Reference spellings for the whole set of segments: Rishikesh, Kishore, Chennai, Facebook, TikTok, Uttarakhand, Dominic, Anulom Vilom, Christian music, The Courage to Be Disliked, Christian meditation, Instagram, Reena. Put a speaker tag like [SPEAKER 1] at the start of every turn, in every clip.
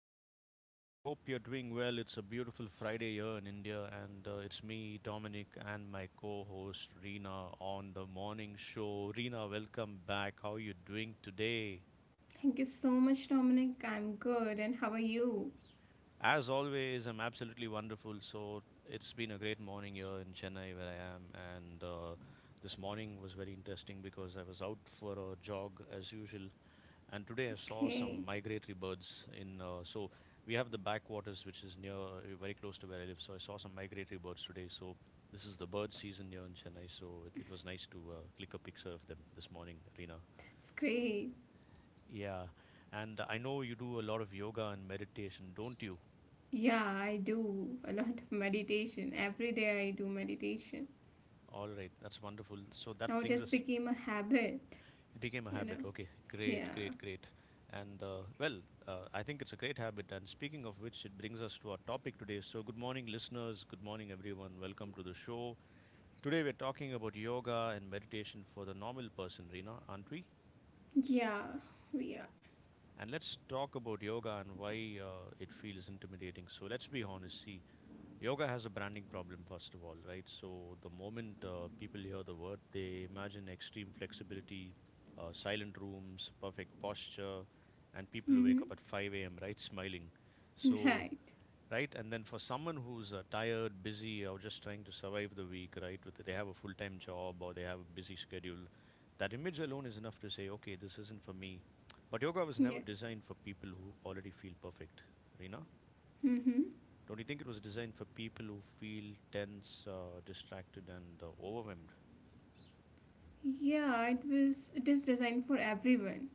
[SPEAKER 1] morning, and I hope you're doing well. It's a beautiful Friday here in India, and it's me, Dominic, and my co host, Reena, on the morning show. Reena, welcome back. How are you doing today?
[SPEAKER 2] Thank you so much, Dominic. I'm good. And how are you?
[SPEAKER 1] As always, I'm absolutely wonderful. So it's been a great morning here in Chennai where I am, and this morning was very interesting because I was out for a jog as usual, and today I saw some
[SPEAKER 2] Okay,
[SPEAKER 1] migratory birds in. So we have the backwaters, which is near, very close to where I live. So I saw some migratory birds today. So this is the bird season here in Chennai. So it was nice to click a picture of them this morning, Rina.
[SPEAKER 2] that's great.
[SPEAKER 1] Yeah, and I know you do a lot of yoga and meditation, don't you?
[SPEAKER 2] Yeah, I do a lot of meditation. Every day I do meditation.
[SPEAKER 1] All right, that's wonderful. So that
[SPEAKER 2] Now it
[SPEAKER 1] brings
[SPEAKER 2] has
[SPEAKER 1] us,
[SPEAKER 2] become a habit,
[SPEAKER 1] it became a
[SPEAKER 2] you know?
[SPEAKER 1] habit. Okay, great,
[SPEAKER 2] Yeah.
[SPEAKER 1] great, great. And I think it's a great habit. And speaking of which, it brings us to our topic today. So, good morning, listeners. Good morning, everyone. Welcome to the show. Today, we're talking about yoga and meditation for the normal person, Reena, aren't we?
[SPEAKER 2] Yeah. Yeah.
[SPEAKER 1] And let's talk about yoga and why it feels intimidating. So, let's be honest. See, yoga has a branding problem, first of all, right? So the moment people hear the word, they imagine extreme flexibility, silent rooms, perfect posture, and people who
[SPEAKER 2] Mm-hmm.
[SPEAKER 1] wake up at 5 a.m., right, smiling. So,
[SPEAKER 2] Right.
[SPEAKER 1] right, and then for someone who's tired, busy, or just trying to survive the week, right, with they have a full time job or they have a busy schedule, that image alone is enough to say, okay, this isn't for me. But yoga was never
[SPEAKER 2] Yeah.
[SPEAKER 1] designed for people who already feel perfect, Rina.
[SPEAKER 2] Mm-hmm.
[SPEAKER 1] Don't you think it was designed for people who feel tense, distracted, and overwhelmed?
[SPEAKER 2] Yeah, it is designed for everyone.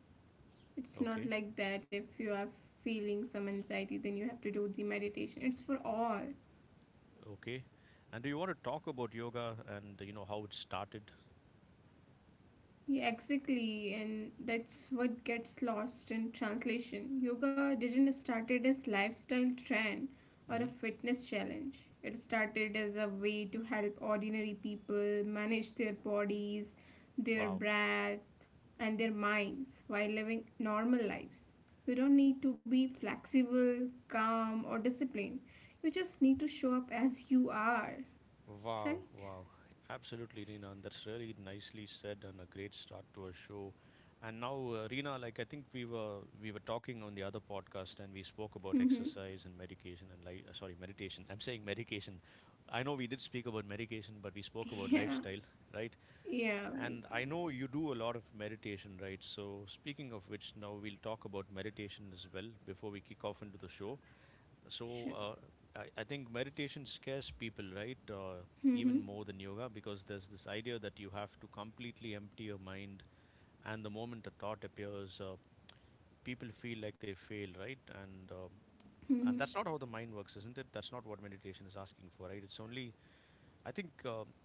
[SPEAKER 2] It's not
[SPEAKER 1] Okay,
[SPEAKER 2] like that if you are feeling some anxiety then you have to do the meditation. It's for all.
[SPEAKER 1] okay. And do you want to talk about yoga and you know how it started?
[SPEAKER 2] Yeah, exactly, and that's what gets lost in translation. Yoga didn't started as lifestyle trend or a
[SPEAKER 1] hmm
[SPEAKER 2] fitness challenge. It started as a way to help ordinary people manage their bodies, their
[SPEAKER 1] Wow,
[SPEAKER 2] breath, and their minds while living normal lives. You don't need to be flexible, calm, or disciplined. You just need to show up as you are, right?
[SPEAKER 1] wow, wow! Absolutely, Reena, and that's really nicely said and a great start to a show. And now, Reena, like I think we were talking on the other podcast, and we spoke about exercise and medication and meditation. I'm saying medication. I know we did speak about medication, but we spoke about
[SPEAKER 2] Yeah,
[SPEAKER 1] lifestyle, right?
[SPEAKER 2] yeah, we
[SPEAKER 1] And I know you do a lot of meditation, right? So speaking of which, now we'll talk about meditation as well before we kick off into the show.
[SPEAKER 2] do.
[SPEAKER 1] So I think meditation scares people, right?
[SPEAKER 2] Mm-hmm.
[SPEAKER 1] Even more than yoga, because there's this idea that you have to completely empty your mind and the moment the thought appears people feel like they fail, right,
[SPEAKER 2] Mm-hmm.
[SPEAKER 1] and that's not how the mind works, isn't it? That's not what meditation is asking for, right? It's only, I think,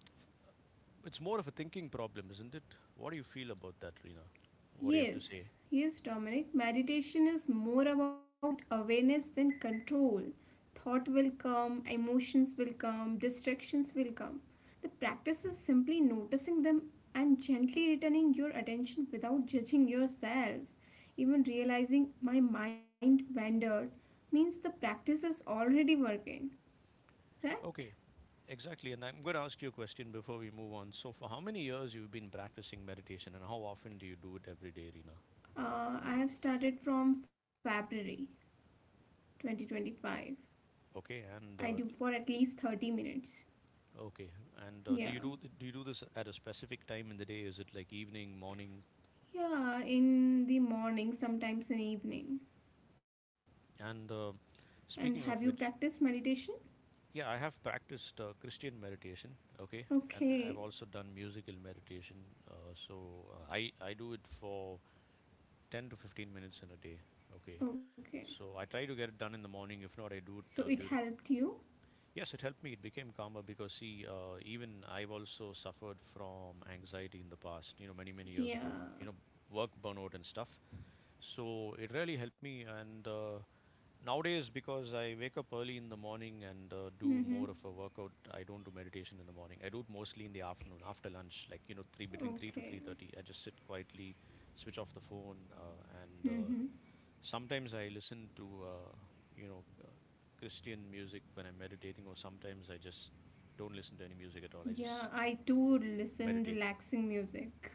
[SPEAKER 1] it's more of a thinking problem, isn't it? What do you feel about that, Rina? What do you have to say?
[SPEAKER 2] Yes, yes, Dominic. Meditation is more about awareness than control. Thought will come, emotions will come, distractions will come. The practice is simply noticing them and gently returning your attention without judging yourself. Even realizing my mind wandered means the practice is already working, right?
[SPEAKER 1] Okay, exactly, and I'm going to ask you a question before we move on. So for how many years you've been practicing meditation, and how often do you do it every day, Rina?
[SPEAKER 2] I have started from February 2025.
[SPEAKER 1] Okay,
[SPEAKER 2] I
[SPEAKER 1] and
[SPEAKER 2] do for at least 30 minutes.
[SPEAKER 1] okay, and do
[SPEAKER 2] Yeah.
[SPEAKER 1] you do do you do this at a specific time in the day? Is it like evening, morning?
[SPEAKER 2] Yeah, in the morning, sometimes in evening.
[SPEAKER 1] And
[SPEAKER 2] And
[SPEAKER 1] speaking
[SPEAKER 2] have
[SPEAKER 1] of
[SPEAKER 2] you
[SPEAKER 1] which,
[SPEAKER 2] practiced meditation?
[SPEAKER 1] yeah, I have practiced Christian meditation, okay, and I've
[SPEAKER 2] Okay.
[SPEAKER 1] also done musical meditation. I do it for 10 to 15 minutes in a day, okay.
[SPEAKER 2] Okay.
[SPEAKER 1] So I try to get it done in the morning. If not, I do
[SPEAKER 2] So
[SPEAKER 1] it
[SPEAKER 2] it
[SPEAKER 1] during.
[SPEAKER 2] helped you?
[SPEAKER 1] Yes, it helped me. It became calmer because, see, even I've also suffered from anxiety in the past, you know, many, many years
[SPEAKER 2] Yeah.
[SPEAKER 1] ago, you know, work burnout and stuff. So it really helped me. And nowadays, because I wake up early in the morning and do
[SPEAKER 2] Mm-hmm.
[SPEAKER 1] more of a workout, I don't do meditation in the morning. I do it mostly in the afternoon, after lunch, like, you know, 3 between three to three
[SPEAKER 2] Okay.
[SPEAKER 1] thirty. I just sit quietly, switch off the phone, and
[SPEAKER 2] Mm-hmm.
[SPEAKER 1] sometimes I listen to, you know, uh, Christian music when I'm meditating, or sometimes I just don't listen to any music at all. I
[SPEAKER 2] Yeah,
[SPEAKER 1] just
[SPEAKER 2] I too listen
[SPEAKER 1] meditate.
[SPEAKER 2] relaxing music.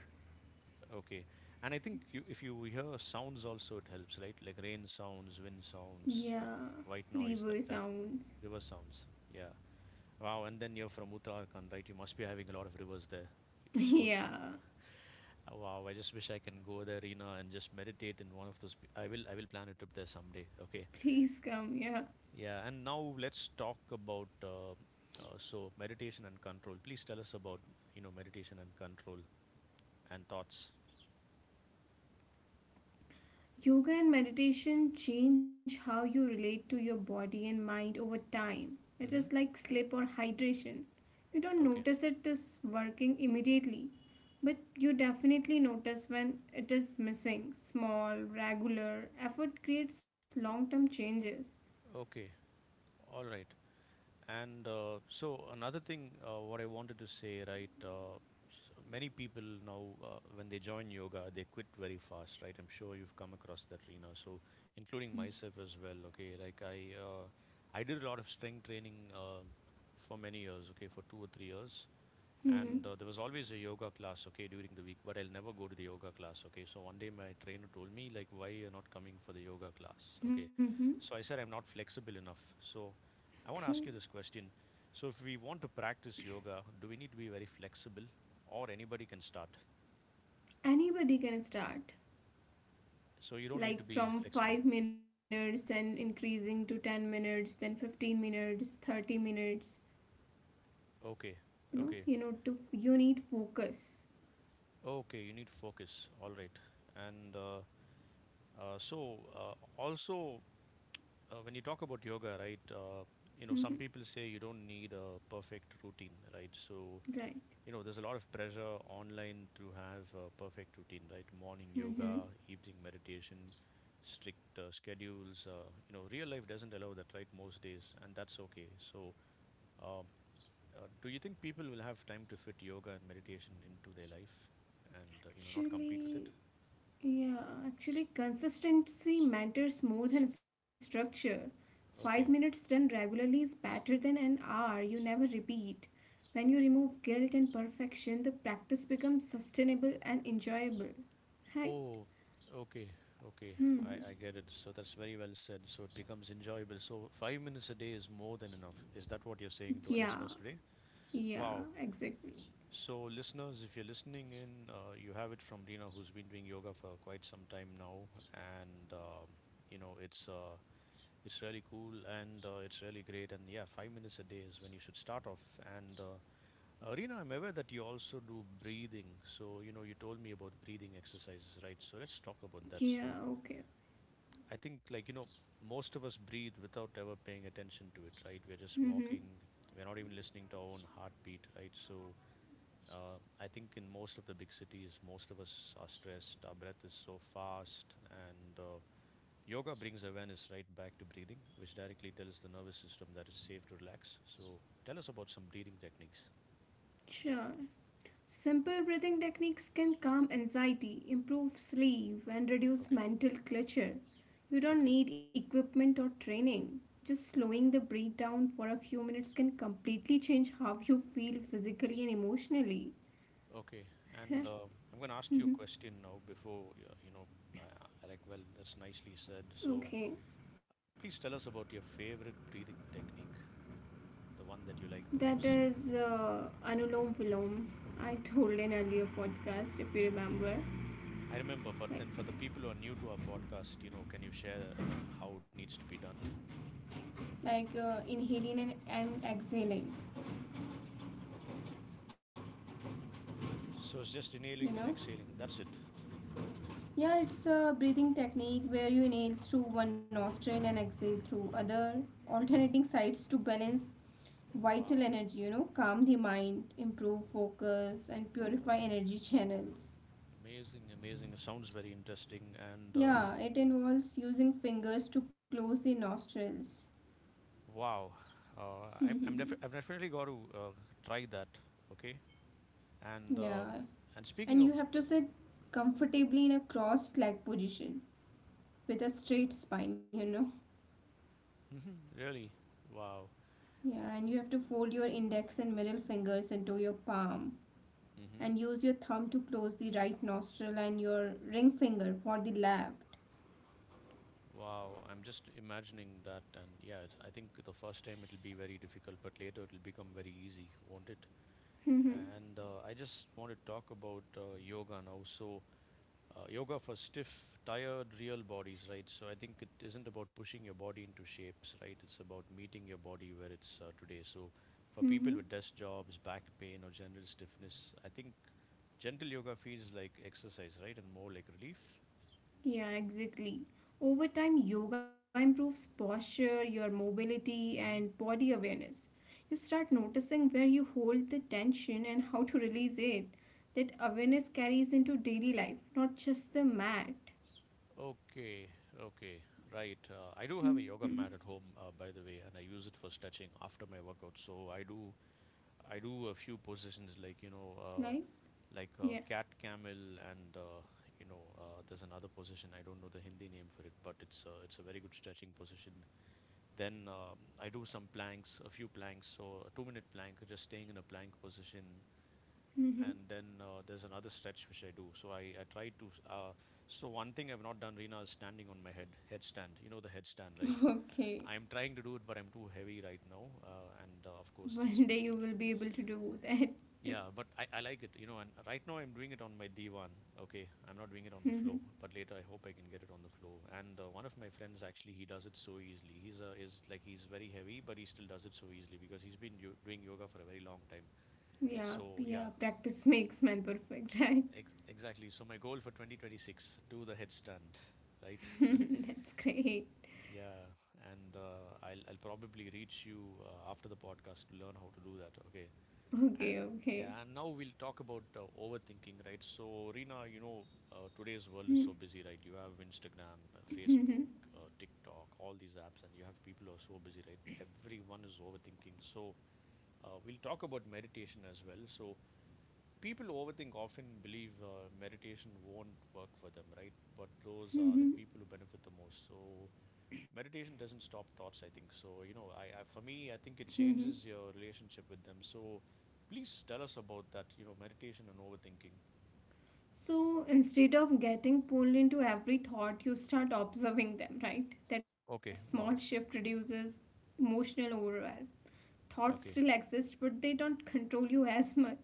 [SPEAKER 1] Okay. And I think you, if you hear sounds also, it helps, right? Like rain sounds, wind sounds,
[SPEAKER 2] Yeah.
[SPEAKER 1] white
[SPEAKER 2] River
[SPEAKER 1] noise, that
[SPEAKER 2] sounds.
[SPEAKER 1] river sounds. Yeah. Wow. And then you're from Uttarakhand, right? You must be having a lot of rivers there. So,
[SPEAKER 2] Yeah.
[SPEAKER 1] wow. I just wish I can go there, Reena, and just meditate in one of those. I will plan a trip there someday. Okay.
[SPEAKER 2] Please come, yeah.
[SPEAKER 1] Yeah, and now let's talk about meditation and control. Please tell us about you know meditation and control and thoughts.
[SPEAKER 2] Yoga and meditation change how you relate to your body and mind over time. It is
[SPEAKER 1] Mm-hmm.
[SPEAKER 2] like sleep or hydration. You don't
[SPEAKER 1] Okay,
[SPEAKER 2] notice it is working immediately, but you definitely notice when it is missing. Small, regular effort creates long term changes.
[SPEAKER 1] okay, all right. And so another thing, what I wanted to say, right? S many people now, when they join yoga, they quit very fast, right? I'm sure you've come across that, Rina. So, including myself as well. Okay, like uh, I did a lot of strength training for many years. Okay, for 2 or 3 years. And
[SPEAKER 2] Hmm.
[SPEAKER 1] there was always a yoga class, okay, during the week, but I'll never go to the yoga class. Okay, so one day my trainer told me, like, why you're not coming for the yoga class? Okay,
[SPEAKER 2] Hmm.
[SPEAKER 1] so I said I'm not flexible enough. So I want to ask you
[SPEAKER 2] Okay.
[SPEAKER 1] this question. So if we want to practice yoga, do we need to be very flexible, or anybody can start?
[SPEAKER 2] Anybody can start.
[SPEAKER 1] So you don't need to
[SPEAKER 2] Like
[SPEAKER 1] be
[SPEAKER 2] from
[SPEAKER 1] flexible.
[SPEAKER 2] 5 minutes and increasing to 10 minutes, then 15 minutes, 30 minutes.
[SPEAKER 1] Okay, okay.
[SPEAKER 2] You know to You need focus.
[SPEAKER 1] Okay, you need focus, all right. And also when you talk about yoga, right, you know,
[SPEAKER 2] Mm-hmm.
[SPEAKER 1] some people say you don't need a perfect routine, right? So,
[SPEAKER 2] Right.
[SPEAKER 1] you know, there's a lot of pressure online to have a perfect routine, right? Morning
[SPEAKER 2] Mm-hmm.
[SPEAKER 1] yoga, evening meditation, strict schedules. You know, real life doesn't allow that, right? Most days, and that's okay. So, um, do you think people will have time to fit yoga and meditation into their life and, you know, not compete with
[SPEAKER 2] actually
[SPEAKER 1] it?
[SPEAKER 2] Yeah, actually, consistency matters more than structure. 5 minutes
[SPEAKER 1] Okay.
[SPEAKER 2] done regularly is better than an hour you never repeat. When you remove guilt and perfection, the practice becomes sustainable and enjoyable, right?
[SPEAKER 1] Oh, okay, okay.
[SPEAKER 2] Hmm.
[SPEAKER 1] I get it. So that's very well said. So it becomes enjoyable. So 5 minutes a day is more than enough. Is that what you're saying to our
[SPEAKER 2] Yeah,
[SPEAKER 1] listeners today?
[SPEAKER 2] yeah,
[SPEAKER 1] Wow.
[SPEAKER 2] exactly.
[SPEAKER 1] So, listeners, if you're listening in, you have it from Rina, who's been doing yoga for quite some time now, and you know it's really cool and it's really great. And yeah, 5 minutes a day is when you should start off. And Rina, I'm aware that you also do breathing. So you know you told me about breathing exercises, right? So let's talk about that.
[SPEAKER 2] Yeah.
[SPEAKER 1] So
[SPEAKER 2] Okay.
[SPEAKER 1] I think, like, you know, most of us breathe without ever paying attention to it, right? We're just
[SPEAKER 2] Mm-hmm.
[SPEAKER 1] walking. We're not even listening to our own heartbeat, right? So, I think in most of the big cities, most of us are stressed. Our breath is so fast. And yoga brings awareness right back to breathing, which directly tells the nervous system that it's safe to relax. So, tell us about some breathing techniques.
[SPEAKER 2] Sure. Simple breathing techniques can calm anxiety, improve sleep, and reduce
[SPEAKER 1] Okay,
[SPEAKER 2] mental clutter. You don't
[SPEAKER 1] okay,
[SPEAKER 2] need equipment or training. Just slowing the breath down for a few minutes can completely change how you feel physically and emotionally.
[SPEAKER 1] okay. And
[SPEAKER 2] Right?
[SPEAKER 1] I'm going to ask you a
[SPEAKER 2] Mhm.
[SPEAKER 1] question now before, you know, I, well, that's nicely said. So,
[SPEAKER 2] Okay,
[SPEAKER 1] please tell us about your favorite breathing technique, the one that you like the
[SPEAKER 2] that
[SPEAKER 1] most.
[SPEAKER 2] is Anulom Vilom. I told in earlier podcast, if you remember,
[SPEAKER 1] I remember, but then for
[SPEAKER 2] like
[SPEAKER 1] the people who are new to our podcast, you know, can you share how it needs to be done?
[SPEAKER 2] like, inhaling and exhaling,
[SPEAKER 1] So it's just
[SPEAKER 2] you
[SPEAKER 1] inhaling and
[SPEAKER 2] know.
[SPEAKER 1] exhaling. That's it.
[SPEAKER 2] Yeah, it's a breathing technique where you inhale through one nostril and exhale through other, alternating sides to balance
[SPEAKER 1] Oh,
[SPEAKER 2] vital
[SPEAKER 1] wow.
[SPEAKER 2] energy, calm the mind, improve focus, and purify energy channels.
[SPEAKER 1] Amazing, amazing. It sounds very interesting. And
[SPEAKER 2] Yeah, it involves using fingers to close the nostrils.
[SPEAKER 1] wow, uh, I, I'm defi-
[SPEAKER 2] Yeah,
[SPEAKER 1] I've definitely got to try that. Okay. And um and speaking
[SPEAKER 2] and you
[SPEAKER 1] of,
[SPEAKER 2] have to sit comfortably in a crossed leg position with a straight spine.
[SPEAKER 1] hmm, really, wow.
[SPEAKER 2] Yeah, and you have to fold your index and middle fingers into your palm
[SPEAKER 1] hmm
[SPEAKER 2] and use your thumb to close the right nostril and your ring finger for the left.
[SPEAKER 1] Wow, I'm just imagining that, and yeah, it's, I think the first time it'll be very difficult, but later it'll become very easy, won't it?
[SPEAKER 2] Mm-hmm.
[SPEAKER 1] And I just want to talk about yoga now. So, yoga for stiff, tired, real bodies, right? So, I think it isn't about pushing your body into shapes, right? It's about meeting your body where it's today. So, for people
[SPEAKER 2] Mm-hmm.
[SPEAKER 1] with desk jobs, back pain, or general stiffness, I think gentle yoga feels like exercise, right? And more like relief.
[SPEAKER 2] Yeah, exactly. Over time, yoga improves posture, your mobility, and
[SPEAKER 1] Hmm.
[SPEAKER 2] body awareness. You start noticing where you hold the tension and how to release it. That awareness carries into daily life, not just the mat.
[SPEAKER 1] Okay, okay, right. I do have a
[SPEAKER 2] Hmm.
[SPEAKER 1] yoga mat at home, by the way, and I use it for stretching after my workout. So I do a few positions like
[SPEAKER 2] Like,
[SPEAKER 1] like
[SPEAKER 2] yeah.
[SPEAKER 1] cat camel, and there's another position. I don't know the Hindi name for it, but it's a very good stretching position. Then I do some planks, a few planks. So a 2-minute plank, just staying in a plank position, and
[SPEAKER 2] Mm-hmm.
[SPEAKER 1] then there's another stretch which I do. So I try to. So one thing I've not done, Reena, is standing on my head, headstand. You know the headstand, right?
[SPEAKER 2] Okay.
[SPEAKER 1] I'm trying to do it, but I'm too heavy right now. And of course, it's.
[SPEAKER 2] One day you will be able to do that.
[SPEAKER 1] Yeah, but I like it. And right now, I'm doing it on my divan. Okay, I'm not doing it on the
[SPEAKER 2] Mm-hmm.
[SPEAKER 1] floor, but later I hope I can get it on the floor. And one of my friends actually, he does it so easily. He's is like he's very heavy, but he still does it so easily because he's been doing yoga for a very long time.
[SPEAKER 2] Yeah,
[SPEAKER 1] So
[SPEAKER 2] yeah,
[SPEAKER 1] yeah,
[SPEAKER 2] practice makes man perfect, right?
[SPEAKER 1] exactly. So my goal for 2026, do the headstand, right?
[SPEAKER 2] That's great.
[SPEAKER 1] Yeah, and I'll probably reach you after the podcast to learn how to do that. Okay. A-
[SPEAKER 2] Okay, okay.
[SPEAKER 1] yeah, and now we'll talk about overthinking, right? So Reena, today's world is so busy, right? You have Instagram, Facebook, TikTok, all these apps, and you have people who are so busy, right? Everyone is overthinking. So we'll talk about meditation as well. So people who overthink often believe meditation won't work for them, right? But those
[SPEAKER 2] Mhm,
[SPEAKER 1] are the
[SPEAKER 2] mhm,
[SPEAKER 1] people who benefit the most. So meditation doesn't stop thoughts, I think. So you know, I for me, I think it
[SPEAKER 2] mhm.
[SPEAKER 1] changes your relationship with them. So please tell us about that. Meditation and overthinking.
[SPEAKER 2] So instead of getting pulled into every thought, you start observing them, right? That small
[SPEAKER 1] Okay.
[SPEAKER 2] shift
[SPEAKER 1] Wow.
[SPEAKER 2] reduces emotional overwhelm. Thoughts still
[SPEAKER 1] Okay.
[SPEAKER 2] exist, but they don't control you as much.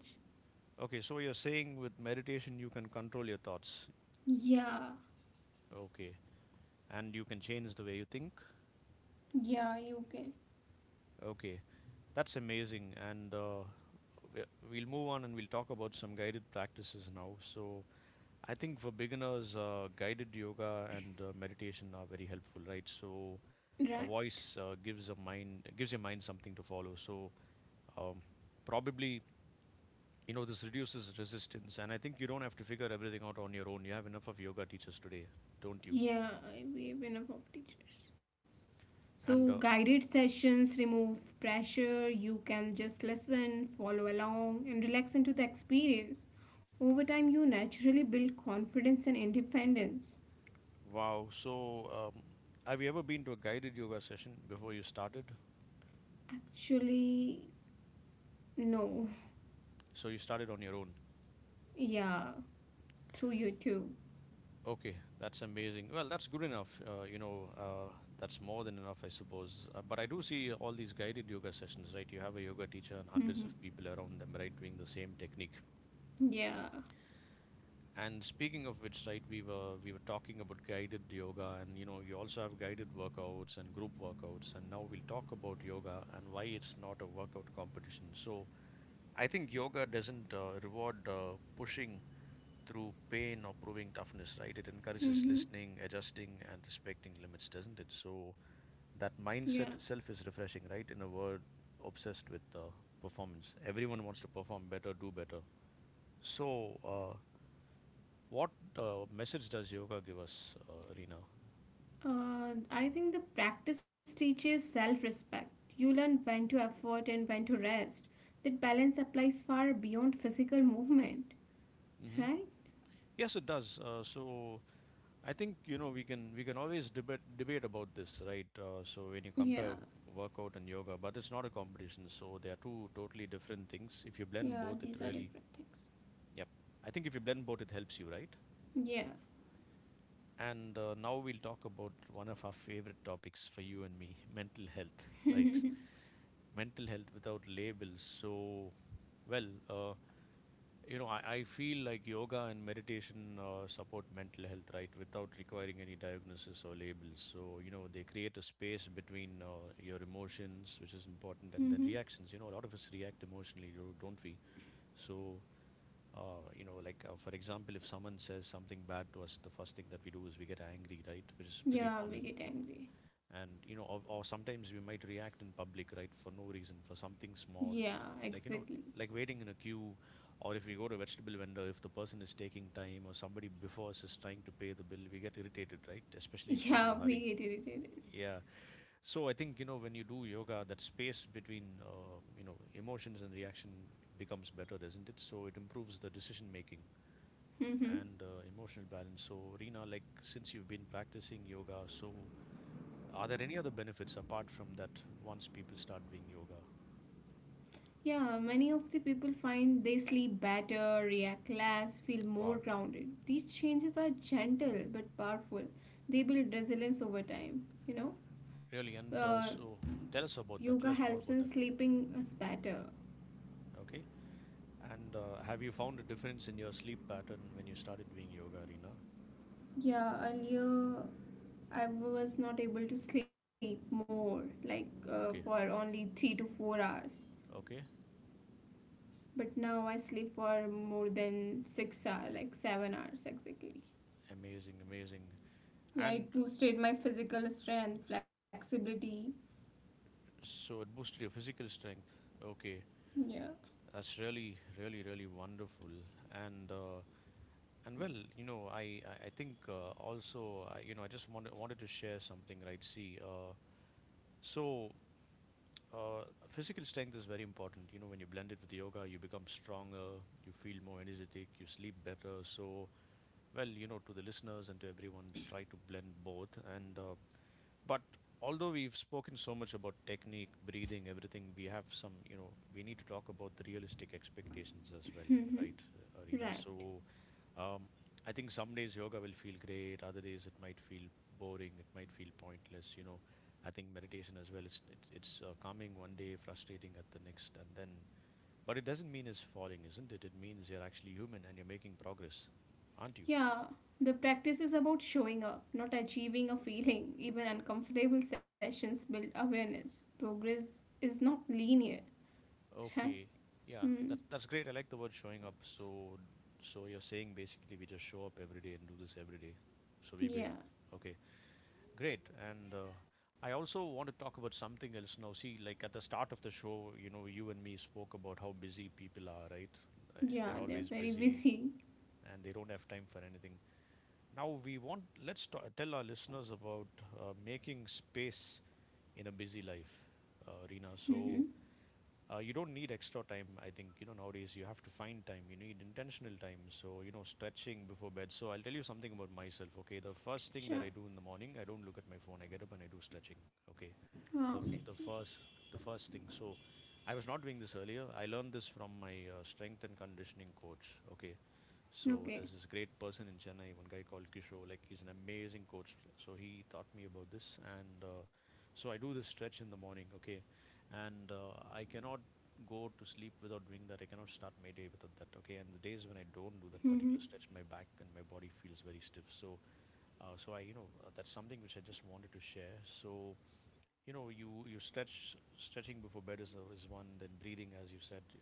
[SPEAKER 1] Okay. So you're saying with meditation you can control your thoughts.
[SPEAKER 2] Yeah,
[SPEAKER 1] Okay. And you can change the way you think.
[SPEAKER 2] yeah, you can.
[SPEAKER 1] Okay, that's amazing. And we'll move on and we'll talk about some guided practices now. So, I think for beginners, guided yoga and meditation are very helpful, right? So,
[SPEAKER 2] Right.
[SPEAKER 1] a voice gives your mind something to follow. So, um, probably this reduces resistance, and I think you don't have to figure everything out on your own. You have enough of yoga teachers today, don't you?
[SPEAKER 2] Yeah, we have enough of teachers.
[SPEAKER 1] And
[SPEAKER 2] So, guided sessions remove pressure, you can just listen, follow along, and relax into the experience. Over time, you naturally build confidence and independence.
[SPEAKER 1] wow, so have you ever been to a guided yoga session before you started?
[SPEAKER 2] Actually, no.
[SPEAKER 1] So you started on your own.
[SPEAKER 2] Yeah, through YouTube.
[SPEAKER 1] Okay, that's amazing. Well, that's good enough. That's more than enough, I suppose. But I do see all these guided yoga sessions, right? You have a yoga teacher and
[SPEAKER 2] Mm-hmm.
[SPEAKER 1] hundreds of people around them, right, doing the same technique.
[SPEAKER 2] Yeah.
[SPEAKER 1] And speaking of which, right, we were talking about guided yoga, and you know, you also have guided workouts and group workouts, and now we'll talk about yoga and why it's not a workout competition. So, I think yoga doesn't reward pushing through pain or proving toughness, right? It encourages
[SPEAKER 2] Mm-hmm.
[SPEAKER 1] listening, adjusting, and respecting limits, doesn't it? So that
[SPEAKER 2] Yeah.
[SPEAKER 1] mindset itself is refreshing, right? In a world obsessed with performance, everyone wants to perform better, do better. So, what message does yoga give us, Rina?
[SPEAKER 2] I think the practice teaches self respect. You learn when to effort and when to rest. That balance applies far beyond physical movement,
[SPEAKER 1] Hmm.
[SPEAKER 2] right?
[SPEAKER 1] Yes, it does. So I think we can always debate about this, right? So when you
[SPEAKER 2] Yeah,
[SPEAKER 1] compare workout and yoga, but it's not a competition, so they are two totally different things. If you blend both,
[SPEAKER 2] yeah,
[SPEAKER 1] it
[SPEAKER 2] these
[SPEAKER 1] really,
[SPEAKER 2] are different things.
[SPEAKER 1] yep. I think if you blend both, it helps you, right?
[SPEAKER 2] Yeah.
[SPEAKER 1] And now we'll talk about one of our favorite topics for you and me, mental health, right? Mental health without labels. So, well, I feel like yoga and meditation support mental health, right, without requiring any diagnosis or labels. So, they create a space between your emotions, which is important, and
[SPEAKER 2] Mm-hmm.
[SPEAKER 1] then reactions. A lot of us react emotionally, don't we? So, like for example, if someone says something bad to us, the first thing that we do is we get angry, right, which is pretty
[SPEAKER 2] Yeah, we
[SPEAKER 1] normal.
[SPEAKER 2] get angry.
[SPEAKER 1] And or, sometimes we might react in public, right, for no reason, for something small,
[SPEAKER 2] Yeah,
[SPEAKER 1] like
[SPEAKER 2] exactly.
[SPEAKER 1] like waiting in a queue, or if we go to a vegetable vendor, if the person is taking time or somebody before us is trying to pay the bill, we get irritated, right, especially if we're in a
[SPEAKER 2] Yeah, we
[SPEAKER 1] hurry.
[SPEAKER 2] get irritated.
[SPEAKER 1] Yeah. So I think when you do yoga, that space between emotions and reaction becomes better, doesn't it? So it improves the decision making
[SPEAKER 2] Mm-hmm.
[SPEAKER 1] and emotional balance. So Rena, like, since you've been practicing yoga, so are there any other benefits apart from that once people start doing yoga?
[SPEAKER 2] Yeah, many of the people find they sleep better, react less, feel more
[SPEAKER 1] Wow,
[SPEAKER 2] grounded. These changes are gentle but powerful. They build resilience over time.
[SPEAKER 1] really? And
[SPEAKER 2] Uh,
[SPEAKER 1] so tell us about that. Tell
[SPEAKER 2] Yoga
[SPEAKER 1] us more
[SPEAKER 2] helps
[SPEAKER 1] about
[SPEAKER 2] in
[SPEAKER 1] that.
[SPEAKER 2] sleeping us better.
[SPEAKER 1] Okay. And have you found a difference in your sleep pattern when you started doing yoga, Rina?
[SPEAKER 2] Yeah, earlier I was not able to sleep more, like for
[SPEAKER 1] Okay.
[SPEAKER 2] only 3 to 4 hours.
[SPEAKER 1] Okay.
[SPEAKER 2] But now I sleep for more than 6 hours, like 7 hours exactly.
[SPEAKER 1] Amazing, amazing.
[SPEAKER 2] Yeah,
[SPEAKER 1] And
[SPEAKER 2] it boosted my physical strength, flexibility.
[SPEAKER 1] so it boosted your physical strength. Okay.
[SPEAKER 2] Yeah.
[SPEAKER 1] That's really, really, really wonderful. And uh, and well, I think also I, I just wanted to share something, right? See, so. Physical strength is very important. You know, when you blend it with yoga, you become stronger, you feel more energetic, you sleep better. So, well, you know, to the listeners and to everyone, try to blend both. And but although we've spoken so much about technique, breathing, everything, we have some. You know, we need to talk about the realistic expectations as well,
[SPEAKER 2] Mhm.
[SPEAKER 1] right, Arena?
[SPEAKER 2] Right.
[SPEAKER 1] So, um, I think some days yoga will feel great, other days it might feel boring, it might feel pointless. You know, I think meditation as well. It's calming one day, frustrating at the next, and then. But it doesn't mean it's falling, isn't it? It means you're actually human and you're making progress, aren't you?
[SPEAKER 2] Yeah, the practice is about showing up, not achieving a feeling. Even uncomfortable sessions build awareness. Progress is not linear, right?
[SPEAKER 1] Okay. Yeah.
[SPEAKER 2] Hmm.
[SPEAKER 1] That's great. I like the word showing up. So so you're saying basically we just show up every day and do this every day. So we be
[SPEAKER 2] Yeah.
[SPEAKER 1] okay. Great. And I also want to talk about something else now. See, like at the start of the show, you know, you and me spoke about how busy people are, right?
[SPEAKER 2] Yeah,
[SPEAKER 1] They're
[SPEAKER 2] they're
[SPEAKER 1] always
[SPEAKER 2] very
[SPEAKER 1] busy
[SPEAKER 2] busy.
[SPEAKER 1] and they don't have time for anything. Now we want let's ta tell our listeners about making space in a busy life, Reena.
[SPEAKER 2] Mm-hmm.
[SPEAKER 1] So you don't need extra time. I think nowadays you have to find time. You need intentional time. So stretching before bed. So I'll tell you something about myself. Okay, the first thing
[SPEAKER 2] Sure.
[SPEAKER 1] that I do in the morning, I don't look at my phone, I get up and I do stretching. Okay,
[SPEAKER 2] Wow, that's
[SPEAKER 1] the
[SPEAKER 2] nice.
[SPEAKER 1] f- the first the first thing. So I was not doing this earlier. I learned this from my strength and conditioning coach. Okay, so
[SPEAKER 2] Okay.
[SPEAKER 1] there's this great person in Chennai, one guy called Kishore, like he's an amazing coach. So he taught me about this. And so I do this stretch in the morning, okay, and I cannot go to sleep without doing that. I cannot start my day without that, okay. And the days when I don't do that
[SPEAKER 2] Mm-hmm.
[SPEAKER 1] particular stretch, my back and my body feels very stiff. So, that's something which I just wanted to share. So, you stretching before bed is one. Then breathing, as you said,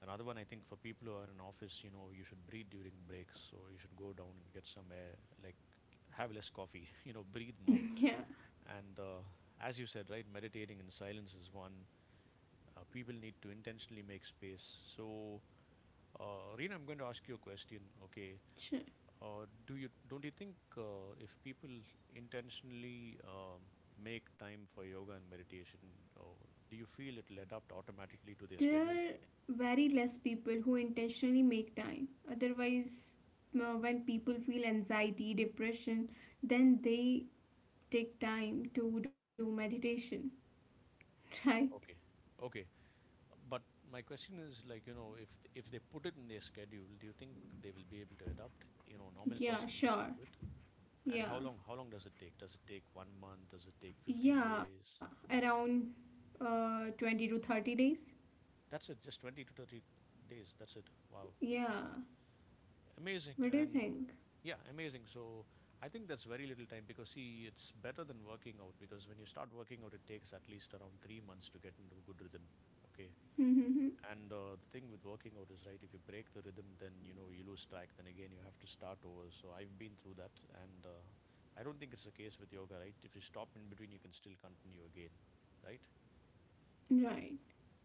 [SPEAKER 1] another one. I think for people who are in office, you should breathe during breaks. So you should go down and get some air, like have less coffee, breathe more.
[SPEAKER 2] Yeah,
[SPEAKER 1] And as you said, right, meditating in silence is one. People need to intentionally make space. So, Reena, I'm going to ask you a question. Okay,
[SPEAKER 2] sure.
[SPEAKER 1] do you don't you think if people intentionally make time for yoga and meditation, do you feel it'll adapt automatically to their
[SPEAKER 2] There
[SPEAKER 1] schedule?
[SPEAKER 2] are very less people who intentionally make time. Otherwise, when people feel anxiety, depression, then they take time to do meditation, right?
[SPEAKER 1] Okay, okay. But my question is like if they put it in their schedule, do you think they will be able to adapt? You know, normal
[SPEAKER 2] Yeah,
[SPEAKER 1] person listening
[SPEAKER 2] sure.
[SPEAKER 1] to it. And
[SPEAKER 2] Yeah.
[SPEAKER 1] how long does it take? Does it take one month? Does it take 15
[SPEAKER 2] Yeah,
[SPEAKER 1] days?
[SPEAKER 2] around 20 to 30 days.
[SPEAKER 1] That's it, just 20 to 30 days. That's it. Wow.
[SPEAKER 2] Yeah.
[SPEAKER 1] Amazing.
[SPEAKER 2] What do you
[SPEAKER 1] And
[SPEAKER 2] think?
[SPEAKER 1] yeah, amazing. So I think that's very little time because see, it's better than working out because when you start working out, it takes at least around 3 months to get into a good rhythm. Okay.
[SPEAKER 2] Mm-hmm.
[SPEAKER 1] And the thing with working out is, right, if you break the rhythm, then you know you lose track. Then again, you have to start over. So I've been through that, and I don't think it's the case with yoga, right? If you stop in between, you can still continue again, right?
[SPEAKER 2] Right.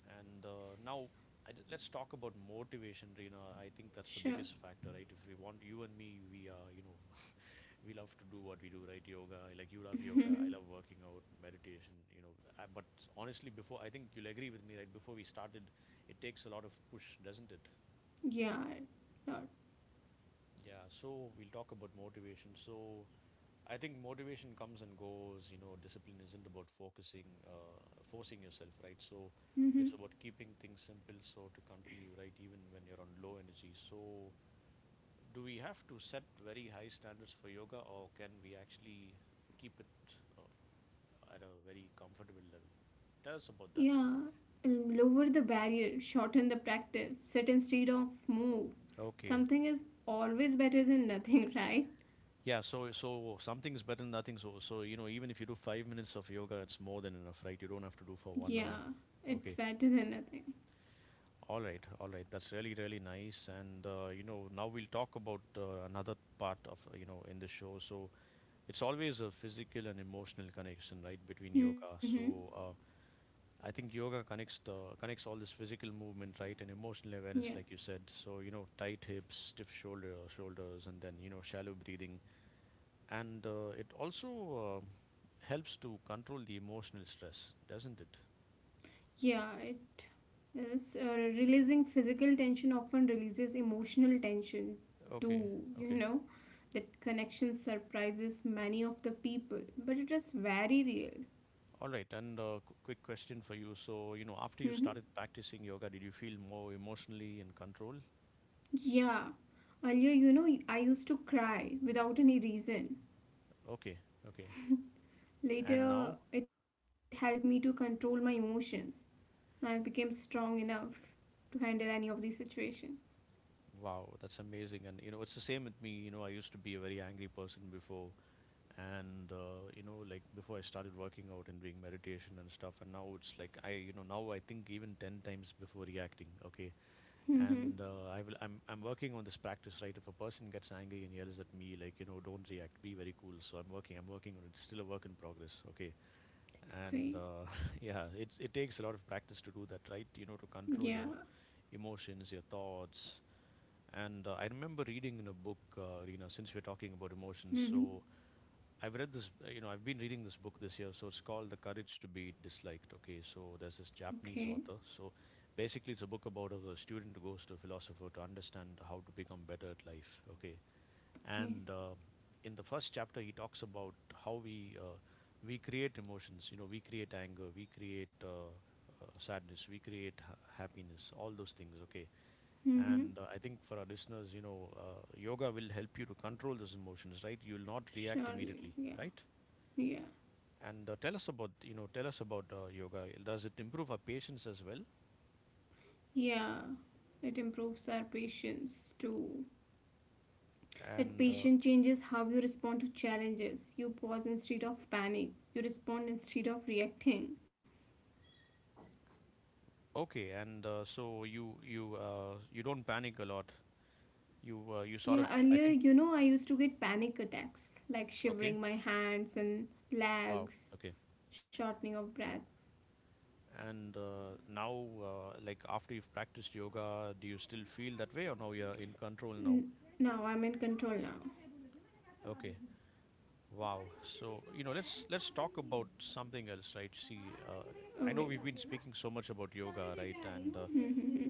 [SPEAKER 1] And now I d let's talk about motivation, Reena. I think that's the
[SPEAKER 2] Sure.
[SPEAKER 1] biggest factor, right? If we want, you and me, we are, you know, we love to do what we do, right? Yoga, like you love yoga, I love working out, meditation, you know. But honestly, before, I think you'll agree with me, right? Before we started, it takes a lot of push, doesn't it?
[SPEAKER 2] Yeah. Not.
[SPEAKER 1] Yeah, so we'll talk about motivation. So I think motivation comes and goes, you know. Discipline isn't about focusing, forcing yourself, right? So it's about keeping things simple so to continue, right? Even when you're on low energy. So do we have to set very high standards for yoga, or can we actually keep it uh, at a very comfortable level? Tell us
[SPEAKER 2] Yeah.
[SPEAKER 1] about that.
[SPEAKER 2] Lower the barrier, shorten the practice, sit instead of move.
[SPEAKER 1] Okay.
[SPEAKER 2] Something is always better than nothing, right?
[SPEAKER 1] Yeah, so something's better than nothing. So you know, even if you do 5 minutes of yoga, it's more than enough, right? You don't have to do for 1 hour.
[SPEAKER 2] Yeah, it's
[SPEAKER 1] Okay.
[SPEAKER 2] better than nothing.
[SPEAKER 1] All right, all right. That's really, really nice. And you know, now we'll talk about another part of you know, in the show. So it's always a physical and emotional connection, right, between
[SPEAKER 2] Mm-hmm.
[SPEAKER 1] yoga. So uh, I think yoga connects the connects all this physical movement, right, and emotional
[SPEAKER 2] Yeah.
[SPEAKER 1] awareness, like you said. So you know, tight hips, stiff shoulders, and then you know, shallow breathing, and it also uh, helps to control the emotional stress, doesn't it?
[SPEAKER 2] Yeah, yes, releasing physical tension often releases emotional tension
[SPEAKER 1] Okay.
[SPEAKER 2] too, you
[SPEAKER 1] Okay,
[SPEAKER 2] know. That connection surprises many of the people, but it is very real.
[SPEAKER 1] all right. And quick question for you. So you know,
[SPEAKER 2] Hmm.
[SPEAKER 1] after you started practicing yoga, did you feel more emotionally in control?
[SPEAKER 2] Yeah. Earlier, I used to cry without any reason.
[SPEAKER 1] Okay. Okay. And
[SPEAKER 2] Later,
[SPEAKER 1] now,
[SPEAKER 2] it helped me to control my emotions. I became strong enough to handle any of these situations.
[SPEAKER 1] wow, that's amazing. And you know, it's the same with me. You know, I used to be a very angry person before. And you know, like before I started working out and doing meditation and stuff, and now it's like, I, you know, now I think even 10 times before reacting. Okay.
[SPEAKER 2] Mm-hmm.
[SPEAKER 1] and I will. I'm working on this practice, right? If a person gets angry and yells at me, like you know, don't react, be very cool. So I'm working. I'm working on it. It's still a work in progress. Okay,
[SPEAKER 2] That's
[SPEAKER 1] and
[SPEAKER 2] great.
[SPEAKER 1] yeah, it's it takes a lot of practice to do that, right? You know, to control
[SPEAKER 2] Yeah.
[SPEAKER 1] your emotions, your thoughts. And I remember reading in a book, you know, since we're talking about emotions.
[SPEAKER 2] Mm-hmm.
[SPEAKER 1] So I've read this, you know, I've been reading this book this year. So it's called The Courage to be Disliked. Okay, so there's this
[SPEAKER 2] Okay.
[SPEAKER 1] Japanese author. So basically, it's a book about a student who goes to a philosopher to understand how to become better at life. Okay.
[SPEAKER 2] Okay.
[SPEAKER 1] and in the first chapter, he talks about how we create emotions. You know, we create anger, we create sadness, we create happiness, all those things. Okay.
[SPEAKER 2] Mm-hmm.
[SPEAKER 1] and I think for our listeners, you know, yoga will help you to control those emotions, right? You will not react
[SPEAKER 2] Surely,
[SPEAKER 1] immediately,
[SPEAKER 2] yeah,
[SPEAKER 1] right?
[SPEAKER 2] yeah,
[SPEAKER 1] and tell us about, you know, tell us about yoga. Does it improve our patience as well?
[SPEAKER 2] yeah. It improves our patience too. That
[SPEAKER 1] And
[SPEAKER 2] patience changes how you respond to challenges. You pause instead of panic. You respond instead of reacting.
[SPEAKER 1] okay. and so you you don't panic a lot. You you sort
[SPEAKER 2] Yeah,
[SPEAKER 1] of, I
[SPEAKER 2] earlier,
[SPEAKER 1] think.
[SPEAKER 2] you know, I used to get panic attacks, like
[SPEAKER 1] Okay.
[SPEAKER 2] shivering my hands and
[SPEAKER 1] Wow.
[SPEAKER 2] legs,
[SPEAKER 1] Okay.
[SPEAKER 2] shortening of breath.
[SPEAKER 1] And now, like after you've practiced yoga, do you still feel that way, or now you're in control now?
[SPEAKER 2] N- Now I'm in control now.
[SPEAKER 1] Okay. Wow. So, you know, let's talk about something else, right? See, I know
[SPEAKER 2] Okay.
[SPEAKER 1] we've been speaking so much about yoga, right? And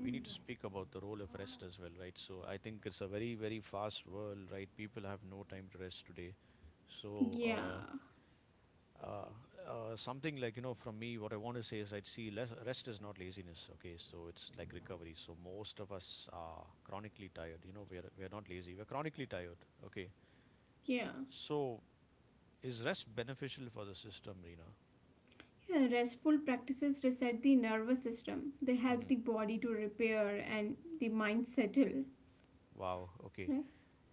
[SPEAKER 1] we need to speak about the role of rest as well, right? So, I think it's a very, very fast world, right? People have no time to rest today. So,
[SPEAKER 2] Yeah,
[SPEAKER 1] Uh, something like, you know, from me, what I want to say is I'd see less, rest is not laziness, okay? So it's like recovery. So most of us are chronically tired. You know, we're not lazy, we're chronically tired, okay?
[SPEAKER 2] yeah.
[SPEAKER 1] So is rest beneficial for the system, Reena?
[SPEAKER 2] Yeah, restful practices reset the nervous system. They
[SPEAKER 1] Hmm.
[SPEAKER 2] help the body to repair and the mind settle,
[SPEAKER 1] Wow, okay.
[SPEAKER 2] right?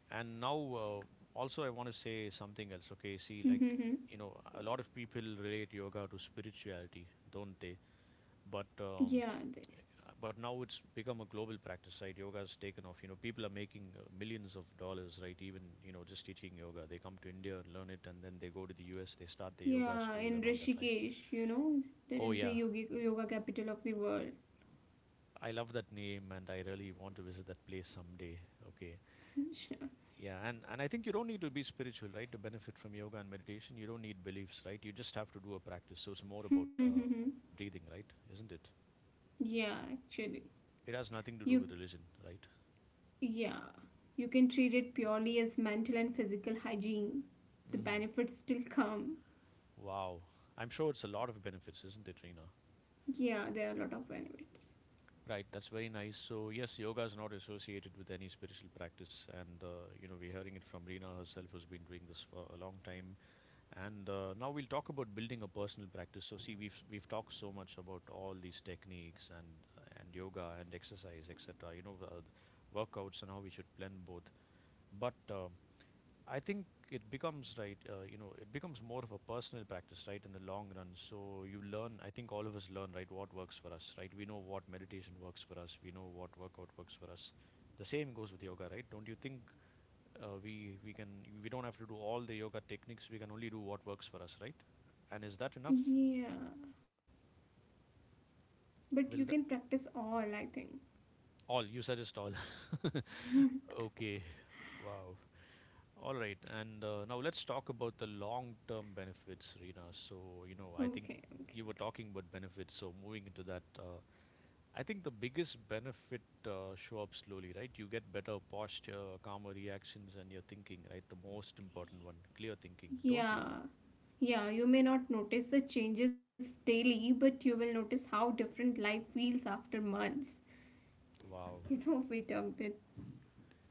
[SPEAKER 1] And now, also, I want to say something else, okay? See, like,
[SPEAKER 2] Mm-hmm.
[SPEAKER 1] you know, a lot of people relate yoga to spirituality, don't they? But
[SPEAKER 2] Yeah, th-
[SPEAKER 1] but now it's become a global practice, right? Yoga's taken off. You know, people are making millions of dollars, right, even, you know, just teaching yoga. They come to India and learn it, and then they go to the US, they start their yoga
[SPEAKER 2] yeah.
[SPEAKER 1] school
[SPEAKER 2] In
[SPEAKER 1] and all that, right?
[SPEAKER 2] Rishikesh, that
[SPEAKER 1] Oh
[SPEAKER 2] is the
[SPEAKER 1] yeah,
[SPEAKER 2] yoga capital of the world.
[SPEAKER 1] I love that name, and I really want to visit that place someday. Okay.
[SPEAKER 2] Sure.
[SPEAKER 1] Yeah, and I think you don't need to be spiritual, right, to benefit from yoga and meditation. You don't need beliefs, right? You just have to do a practice. So it's more about
[SPEAKER 2] Mhm.
[SPEAKER 1] breathing, right, isn't it?
[SPEAKER 2] Yeah, actually,
[SPEAKER 1] It has nothing to
[SPEAKER 2] you
[SPEAKER 1] do with religion, right?
[SPEAKER 2] yeah, you can treat it purely as mental and physical hygiene. The
[SPEAKER 1] Hmm.
[SPEAKER 2] benefits still come.
[SPEAKER 1] Wow. I'm sure it's a lot of benefits, isn't it, Reena?
[SPEAKER 2] Yeah, there are a lot of benefits.
[SPEAKER 1] Right, that's very nice. So, yes, yoga is not associated with any spiritual practice. And, you know, we're hearing it from Reena herself, who's been doing this for a long time. And now we'll talk about building a personal practice. So, see, we've talked so much about all these techniques and yoga and exercise, etc., you know, workouts, and how we should blend both. But I think it becomes, right, you know, it becomes more of a personal practice, right, in the long run. So you learn, I think all of us learn, right, what works for us, right? We know what meditation works for us, we know what workout works for us. The same goes with yoga, right? Don't you think we can, we don't have to do all the yoga techniques, we can only do what works for us, right? And is that enough?
[SPEAKER 2] Yeah, but you can
[SPEAKER 1] Will that,
[SPEAKER 2] practice all. I think.
[SPEAKER 1] all you suggest all? Okay. Wow. All right, and now let's talk about the long-term benefits, Rina. So, you know, I think
[SPEAKER 2] Okay, okay.
[SPEAKER 1] you were talking about benefits, so moving into that, I think the biggest benefit show up slowly, right? You get better posture, calmer reactions, and your thinking, right? The most important one, clear thinking, don't you?
[SPEAKER 2] Yeah, yeah, you may not notice the changes daily, but you will notice how different life feels after months.
[SPEAKER 1] Wow,
[SPEAKER 2] We talked that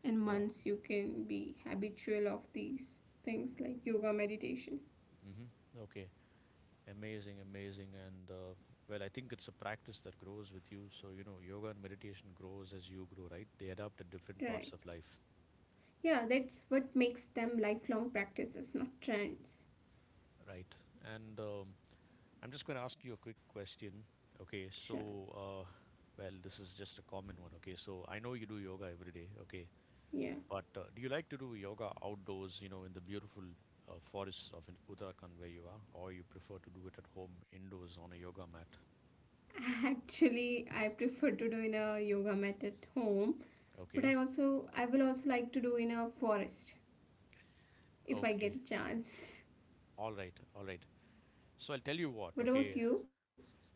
[SPEAKER 2] in
[SPEAKER 1] wow.
[SPEAKER 2] months you can be habitual of these things like yoga, meditation.
[SPEAKER 1] Hmm. Okay, amazing, amazing, and well, I think it's a practice that grows with you. So, you know, yoga and meditation grows as you grow, right? They adapt at different
[SPEAKER 2] Right.
[SPEAKER 1] parts of life.
[SPEAKER 2] Yeah, that's what makes them lifelong practices, not trends.
[SPEAKER 1] Right. And I'm just going to ask you a quick question. Okay,
[SPEAKER 2] Sure.
[SPEAKER 1] so well, this is just a common one. Okay, so I know you do yoga every day. Okay,
[SPEAKER 2] Yeah.
[SPEAKER 1] but do you like to do yoga outdoors? You know, in the beautiful forests of Uttarakhand where you are, or you prefer to do it at home indoors on a yoga mat?
[SPEAKER 2] Actually, I prefer to do in a yoga mat at home, but I
[SPEAKER 1] Okay,
[SPEAKER 2] also I will also like to do in a forest if I get
[SPEAKER 1] okay,
[SPEAKER 2] a chance.
[SPEAKER 1] all right, all right. So I'll tell you what.
[SPEAKER 2] What about
[SPEAKER 1] Okay.
[SPEAKER 2] you?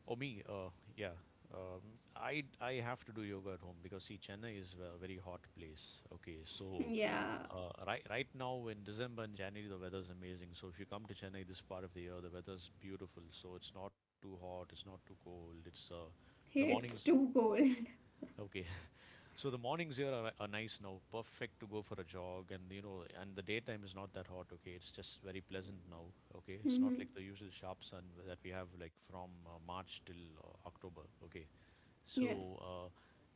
[SPEAKER 1] Oh, me, yeah. I have to do yoga at home because see, Chennai is a very hot place. Okay, so
[SPEAKER 2] Yeah,
[SPEAKER 1] right now in December and January the weather's amazing. So if you come to Chennai this part of the year, the weather's beautiful. So it's not too hot, it's not too cold. It's uh,
[SPEAKER 2] here it's
[SPEAKER 1] the
[SPEAKER 2] too
[SPEAKER 1] mornings.
[SPEAKER 2] cold.
[SPEAKER 1] Okay. So the mornings here are nice now, perfect to go for a jog, and you know, and the daytime is not that hot. Okay, it's just very pleasant now. Okay, it's not
[SPEAKER 2] Hmm.
[SPEAKER 1] like the usual sharp sun that we have like from March till October. Okay,
[SPEAKER 2] Yeah,
[SPEAKER 1] so uh,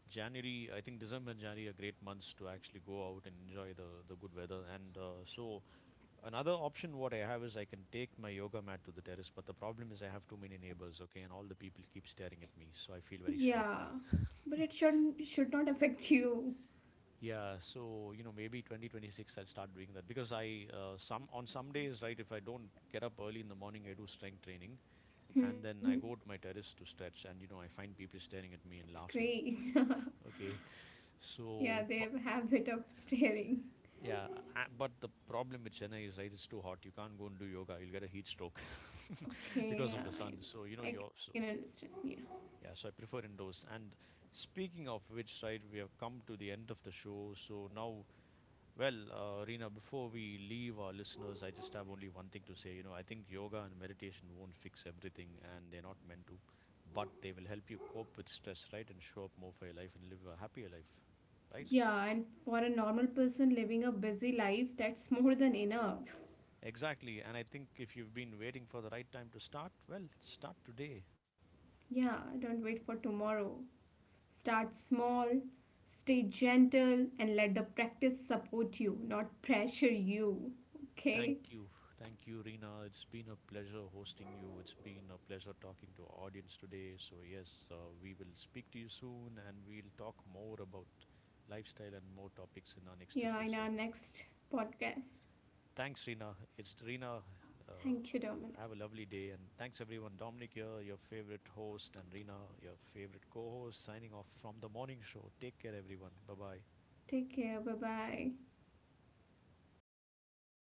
[SPEAKER 1] January, I think December and January are great months to actually go out and enjoy the good weather. And so another option what I have is I can take my yoga mat to the terrace, but the problem is I have too many neighbors. Okay, and all the people keep staring at me, so I feel very
[SPEAKER 2] yeah,
[SPEAKER 1] shy.
[SPEAKER 2] but it shouldn't should not affect you.
[SPEAKER 1] Yeah, so you know, maybe 2026 I'll start doing that because I, some, on some days, right, if I don't get up early in the morning I do strength training, and
[SPEAKER 2] Hmm.
[SPEAKER 1] then I go to my terrace to stretch, and you know, I find people staring at me
[SPEAKER 2] It's
[SPEAKER 1] and laughing.
[SPEAKER 2] great.
[SPEAKER 1] Okay,
[SPEAKER 2] Yeah,
[SPEAKER 1] so
[SPEAKER 2] they
[SPEAKER 1] but
[SPEAKER 2] have a habit of staring.
[SPEAKER 1] yeah, but the problem with Chennai is, right, it's too hot. You can't go and do yoga. You'll get a heat stroke because
[SPEAKER 2] Okay,
[SPEAKER 1] of the
[SPEAKER 2] yeah,
[SPEAKER 1] sun. So you know,
[SPEAKER 2] I
[SPEAKER 1] your
[SPEAKER 2] can
[SPEAKER 1] so
[SPEAKER 2] understand. Yeah,
[SPEAKER 1] yeah, so I prefer indoors. And speaking of which, right, we have come to the end of the show. So now, well, Rina, before we leave our listeners, I just have only one thing to say. You know, I think yoga and meditation won't fix everything, and they're not meant to, but they will help you cope with stress, right, and show up more for your life and live a happier life, right?
[SPEAKER 2] yeah, and for a normal person living a busy life, that's more than enough.
[SPEAKER 1] Exactly. And I think if you've been waiting for the right time to start, well, start today.
[SPEAKER 2] Yeah, don't wait for tomorrow. Start small, stay gentle, and let the practice support you, not pressure you.
[SPEAKER 1] Thank
[SPEAKER 2] Okay?
[SPEAKER 1] you. Thank you, Rina. It's been a pleasure hosting you. It's been a pleasure talking to our audience today. So, yes, we will speak to you soon and we'll talk more about lifestyle and more topics in our next
[SPEAKER 2] Yeah, in our
[SPEAKER 1] episode.
[SPEAKER 2] next podcast.
[SPEAKER 1] Thanks, Rina. It's Rina. Uh,
[SPEAKER 2] Thank you, Dominic.
[SPEAKER 1] have a lovely day. And thanks, everyone. Dominic here, your favorite host, and Rina, your favorite co host, signing off from the morning show. Take care, everyone. Bye bye.
[SPEAKER 2] Take care. Bye bye.